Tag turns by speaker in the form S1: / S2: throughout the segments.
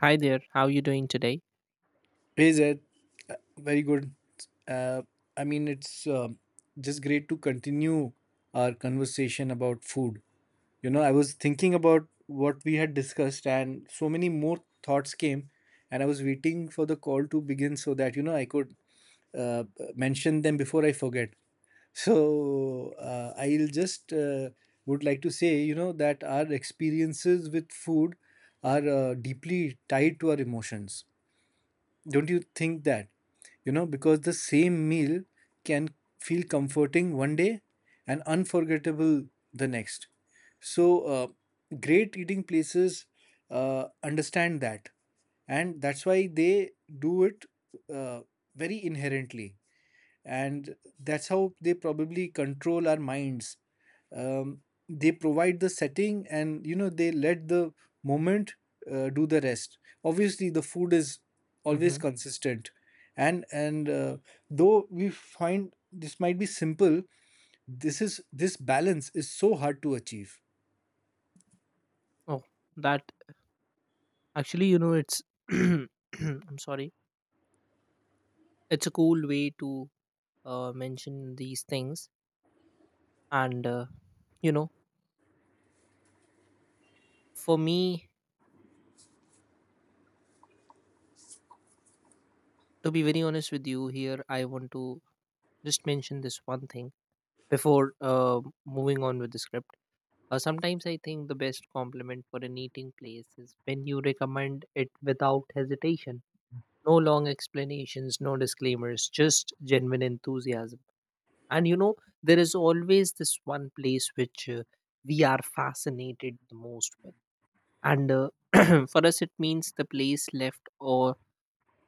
S1: Hi there, how are you doing today?
S2: Hey Zed, Uh, very good. Uh, I mean, it's um just great to continue our conversation about food. You know, I was thinking about what we had discussed, and so many more thoughts came, and I was waiting for the call to begin so that, you know, I could uh, mention them before I forget. So I'll just would like to say, you know, that our experiences with food are deeply tied to our emotions. Don't you think that? You know, because the same meal can feel comforting one day and unforgettable the next. So, great eating places understand that, and that's why they do it, uh, very inherently, and that's how they probably control our minds. um, they provide the setting, and they let the moment, do the rest. Obviously the food is
S1: Hmm.
S2: always consistent, and though we find this might be simple, this balance is so hard to achieve.
S1: Oh, that actually, you know, it's I'm sorry, it's a cool way to mention these things. And, uh, you know, for me, to be very honest with you, here I want to just mention this one thing before moving on with the script. Sometimes I think the best compliment for an eating place is when you recommend it without hesitation. No long explanations, no disclaimers, just genuine enthusiasm. And you know, there is always this one place which we are fascinated the most with. And For us, it means the place left or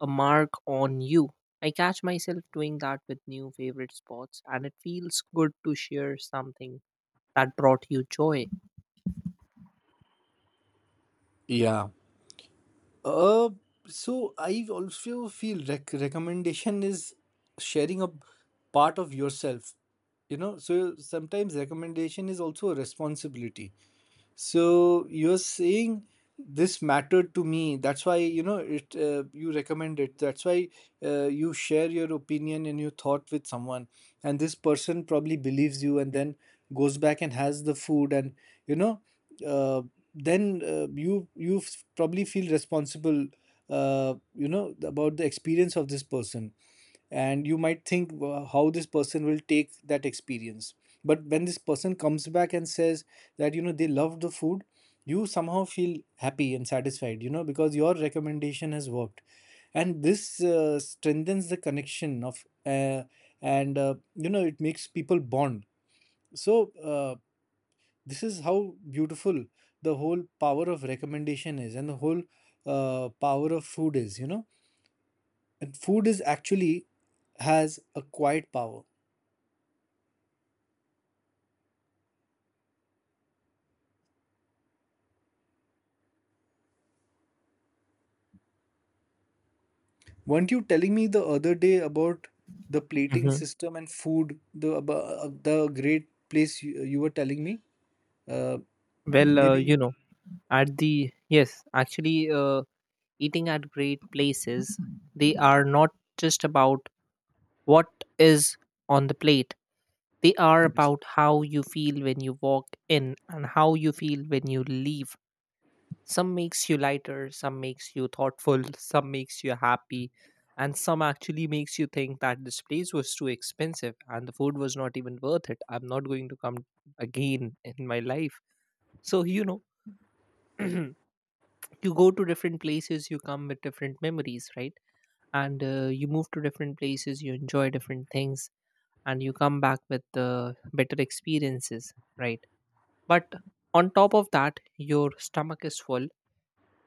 S1: a mark on you. I catch myself doing that with new favorite spots, and it feels good to share something that brought you joy.
S2: Yeah. Uh, so I also feel recommendation is sharing a part of yourself. You know, so sometimes recommendation is also a responsibility. So you're saying this mattered to me. That's why, you know it. You recommend it. That's why you share your opinion and your thought with someone, and this person probably believes you, and then goes back and has the food, and you know, uh, then you probably feel responsible, you know, about the experience of this person, and you might think, "Wow, how this person will take that experience," but when this person comes back and says that, you know, they love the food, you somehow feel happy and satisfied, you know, because your recommendation has worked. And this strengthens the connection of, and you know, it makes people bond. So this is how beautiful the whole power of recommendation is, and the whole power of food is, you know. And food is actually has a quiet power. Weren't you telling me the other day about the plating
S1: Hmm.
S2: system and food? The the great place you, you were telling me. Uh,
S1: Well, you
S2: maybe.
S1: know, at the yes, actually, eating at great places, they are not just about what is on the plate. They are
S2: Yes.
S1: about how you feel when you walk in and how you feel when you leave. Some makes you lighter, some makes you thoughtful, some makes you happy, and some actually makes you think that this place was too expensive and the food was not even worth it. I'm not going to come again in my life. So, you know, you go to different places, you come with different memories, right? And you move to different places, you enjoy different things, and you come back with better experiences, right? But on top of that your stomach is full,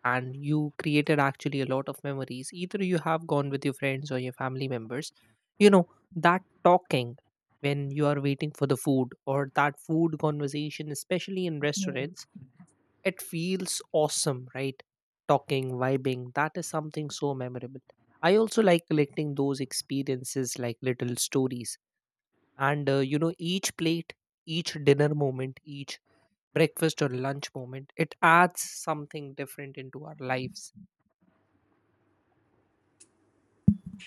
S1: and you created actually a lot of memories. Either you have gone with your friends or your family members, you know, that talking when you are waiting for the food, or that food conversation especially in restaurants, it feels awesome, right? Talking, vibing, that is something so memorable. I also like collecting those experiences like little stories. And You know, each plate, each dinner moment, each breakfast or lunch moment, it adds something different into our lives.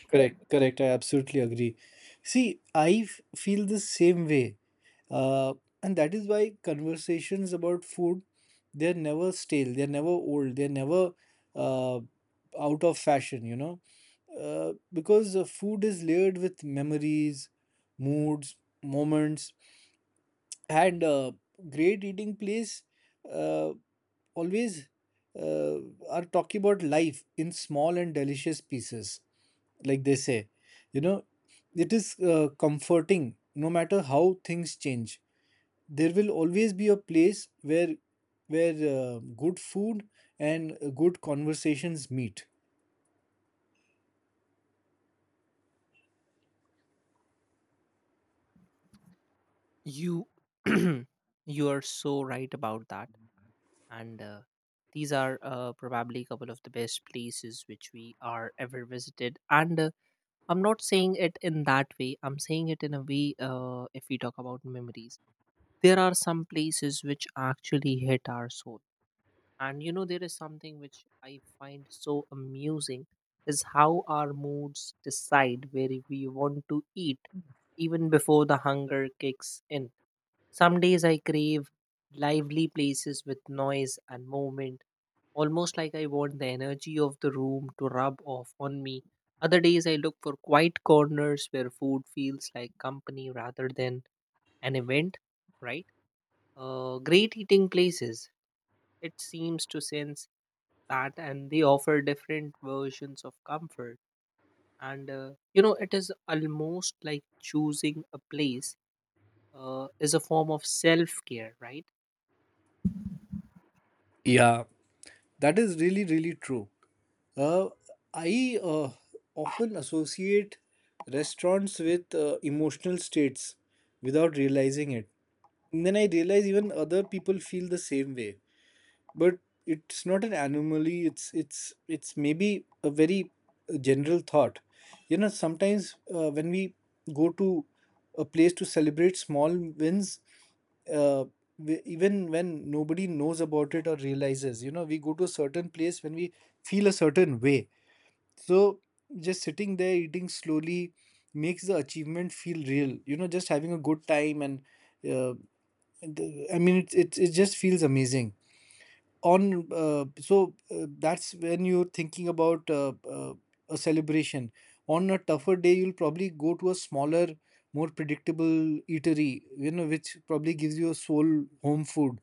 S2: Correct, correct. I absolutely agree. See, I feel the same way. Uh, and that is why conversations about food, they're never stale, they're never old, they're never out of fashion, you know? Because food is layered with memories, moods, moments, and great eating place uh, always uh, are talking about life in small and delicious pieces, like they say, you know. It is comforting. No matter how things change, there will always be a place where where good food and good conversations meet.
S1: You, you are so right about that. And these are probably a couple of the best places which we are ever visited. And I'm not saying it in that way. I'm saying it in a way, if we talk about memories, there are some places which actually hit our soul. And you know, there is something which I find so amusing is how our moods decide where we want to eat even before the hunger kicks in. Some days I crave lively places with noise and movement, almost like I want the energy of the room to rub off on me. Other days, I look for quiet corners where food feels like company rather than an event, right? Great eating places, it seems to sense that, and they offer different versions of comfort. And You know, it is almost like choosing a place is a form of self care, right?
S2: Yeah. That is really, really true. Uh, I often associate restaurants with emotional states without realizing it. And then I realize even other people feel the same way, but it's not an anomaly. It's maybe a very general thought. You know, sometimes when we go to a place to celebrate small wins, uh, we, even when nobody knows about it or realizes, you know, we go to a certain place when we feel a certain way. So just sitting there eating slowly makes the achievement feel real, you know, just having a good time. And uh, it, just feels amazing. On so That's when you're thinking about a celebration. On a tougher day you'll probably go to a smaller, more predictable eatery, you know, which probably gives you a soul home food,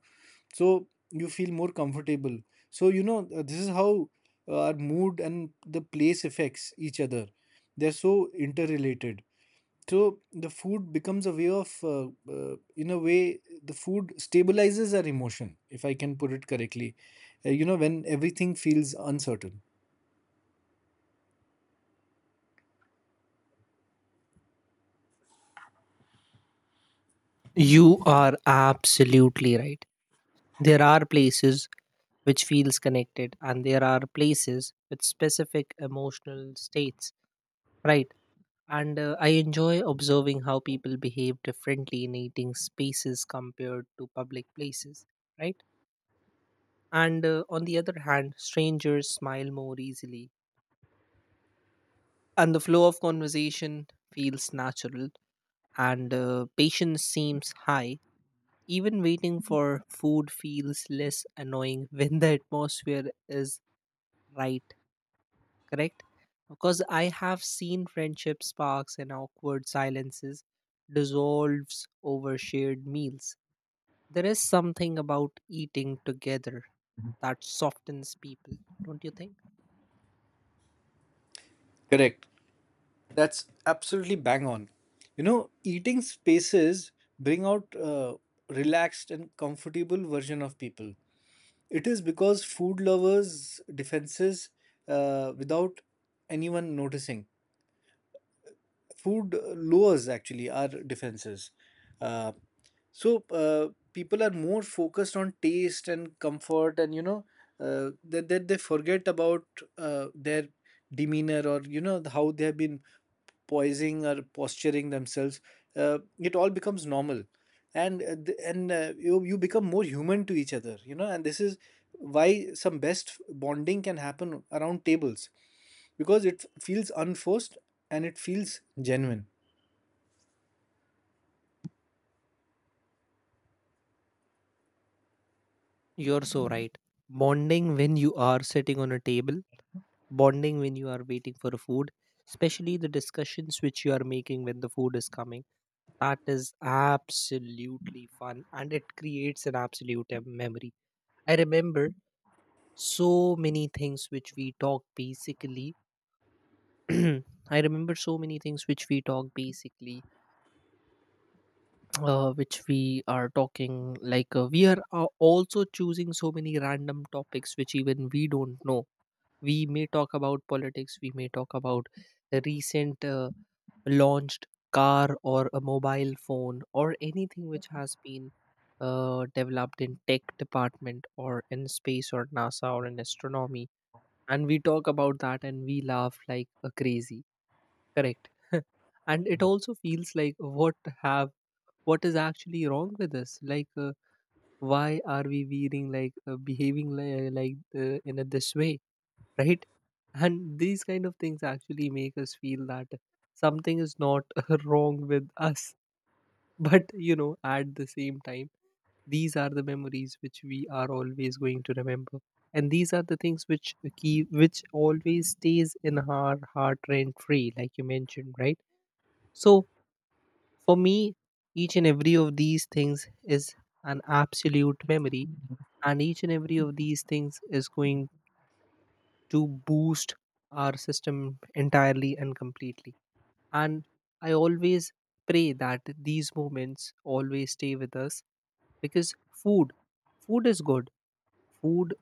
S2: so you feel more comfortable. So, you know, this is how our mood and the place affects each other. They're so interrelated. So the food becomes a way of, in a way, the food stabilizes our emotion, if I can put it correctly. You know, when everything feels uncertain.
S1: You are absolutely right. There are places which feels connected and there are places with specific emotional states, right? And I enjoy observing how people behave differently in eating spaces compared to public places, right? And on the other hand, strangers smile more easily and the flow of conversation feels natural, and patience seems high. Even waiting for food feels less annoying when the atmosphere is right, correct? Because I have seen friendship sparks and awkward silences dissolves over shared meals. There is something about eating together that softens people, don't you think?
S2: Correct. That's absolutely bang on. You know, eating spaces bring out relaxed and comfortable version of people. It is because food lovers defenses without anyone noticing, food lowers actually our defenses. Uh, People are more focused on taste and comfort, and you know that they forget about their demeanor, or you know how they have been poising or posturing themselves. It all becomes normal, and you become more human to each other. You know, and this is why some best bonding can happen around tables, because it feels unforced and it feels genuine.
S1: You're so right. Bonding when you are sitting on a table, bonding when you are waiting for a food, especially the discussions which you are making when the food is coming, that is absolutely fun and it creates an absolute memory. I remember so many things which we talk basically I remember so many things which we talk basically, which we are talking, like we are also choosing so many random topics which even we don't know. We may talk about politics, we may talk about a recent launched car or a mobile phone or anything which has been developed in tech department or in space or NASA or in astronomy, and we talk about that and we laugh like a crazy, correct? And it also feels like what have, what is actually wrong with us, like why are we being like behaving like this way, right? And these kind of things actually make us feel that something is not wrong with us. But you know, at the same time, these are the memories which we are always going to remember, and these are the things which which always stays in our heart rent free, like you mentioned, right? So for me, each and every of these things is an absolute memory, and each and every of these things is going to boost our system entirely and completely. And I always pray that these moments always stay with us, because food food is good, food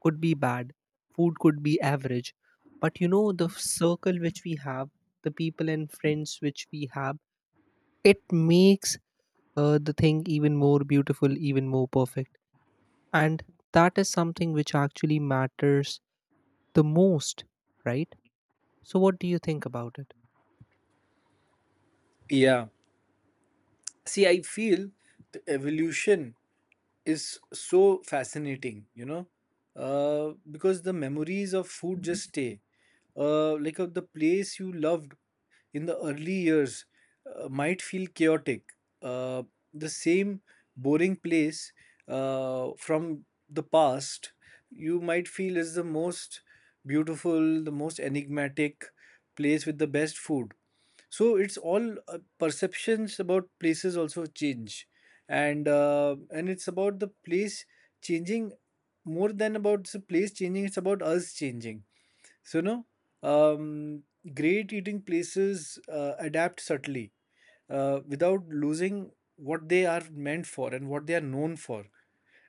S1: could be bad, food could be average. But you know, the circle which we have, the people and friends which we have, it makes the thing even more beautiful, even more perfect. And that is something which actually matters the most, right? So, what do you think about it?
S2: Yeah. See, I feel the evolution is so fascinating, you know, because the memories of food just stay. The place you loved in the early years might feel chaotic. Uh, the same boring place from the past you might feel is the most beautiful, the most enigmatic place with the best food. So it's all perceptions about places also change, and it's about the place changing more than about the place changing. It's about us changing. So no, um, great eating places adapt subtly without losing what they are meant for and what they are known for.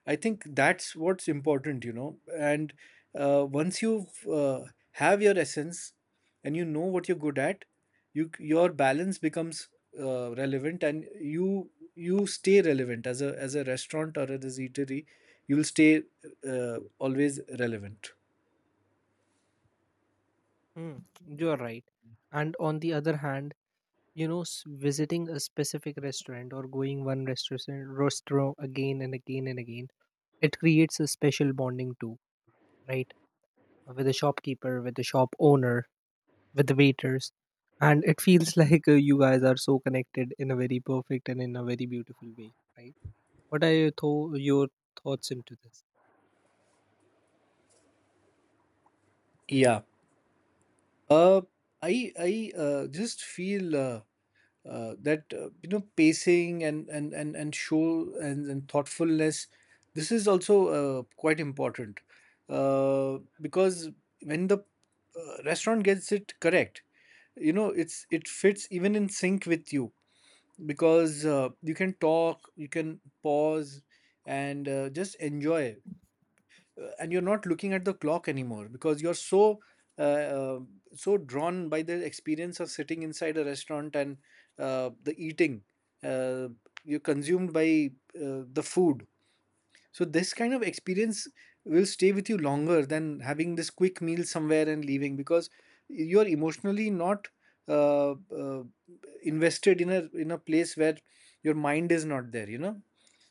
S2: I think that's what's important, you know. And once you have your essence and you know what you're good at, your balance becomes relevant, and you stay relevant as a restaurant or as a eatery. You'll stay always relevant.
S1: Mm, you're right. And on the other hand, you know, visiting a specific restaurant or going one restaurant again and again and again, it creates a special bonding too, right? With the shopkeeper, with the shop owner, with the waiters. And it feels like you guys are so connected in a very perfect and in a very beautiful way, right? What are your, your thoughts into this?
S2: Yeah. Uh, I just feel that you know, pacing and show, and thoughtfulness. This is also quite important, because when the restaurant gets it correct, you know, it's it fits even in sync with you, because you can talk, you can pause, and just enjoy, and you're not looking at the clock anymore because you're so uh, uh, so drawn by the experience of sitting inside a restaurant and the eating, uh, you're consumed by the food. So this kind of experience will stay with you longer than having this quick meal somewhere and leaving, because you are emotionally not uh, uh, invested in a place where your mind is not there. You know,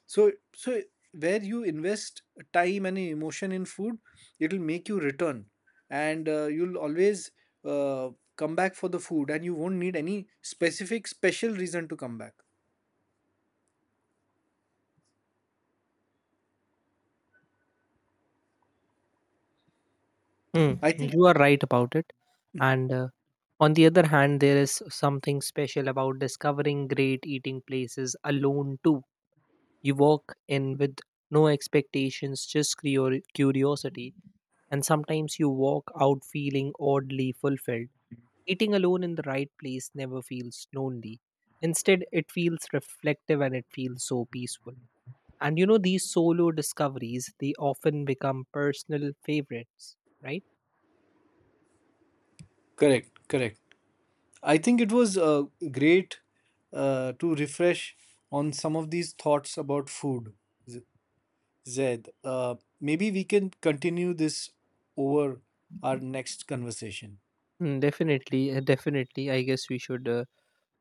S2: so where you invest time and emotion in food, it'll make you return, and you'll always uh, come back for the food, and you won't need any specific special reason to come back.
S1: Hmm,
S2: I think.
S1: you are right about it. And On the other hand, there is something special about discovering great eating places alone too. You walk in with no expectations, just curiosity. And sometimes you walk out feeling oddly fulfilled. Eating alone in the right place never feels lonely. Instead, it feels reflective and it feels so peaceful. And you know, these solo discoveries, they often become personal favorites, right?
S2: Correct, correct. I think it was great to refresh on some of these thoughts about food, Z- Zed. Maybe we can continue this over our next conversation
S1: Mm, definitely, definitely. I guess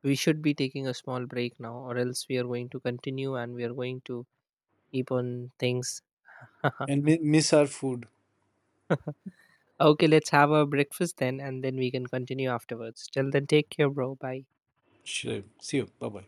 S1: we should be taking a small break now, or else we are going to continue and we are going to keep on things.
S2: and miss our food.
S1: Okay, let's have our breakfast then, and then we can continue afterwards. Till then, take care, bro. Bye.
S2: Sure. See you. Bye bye.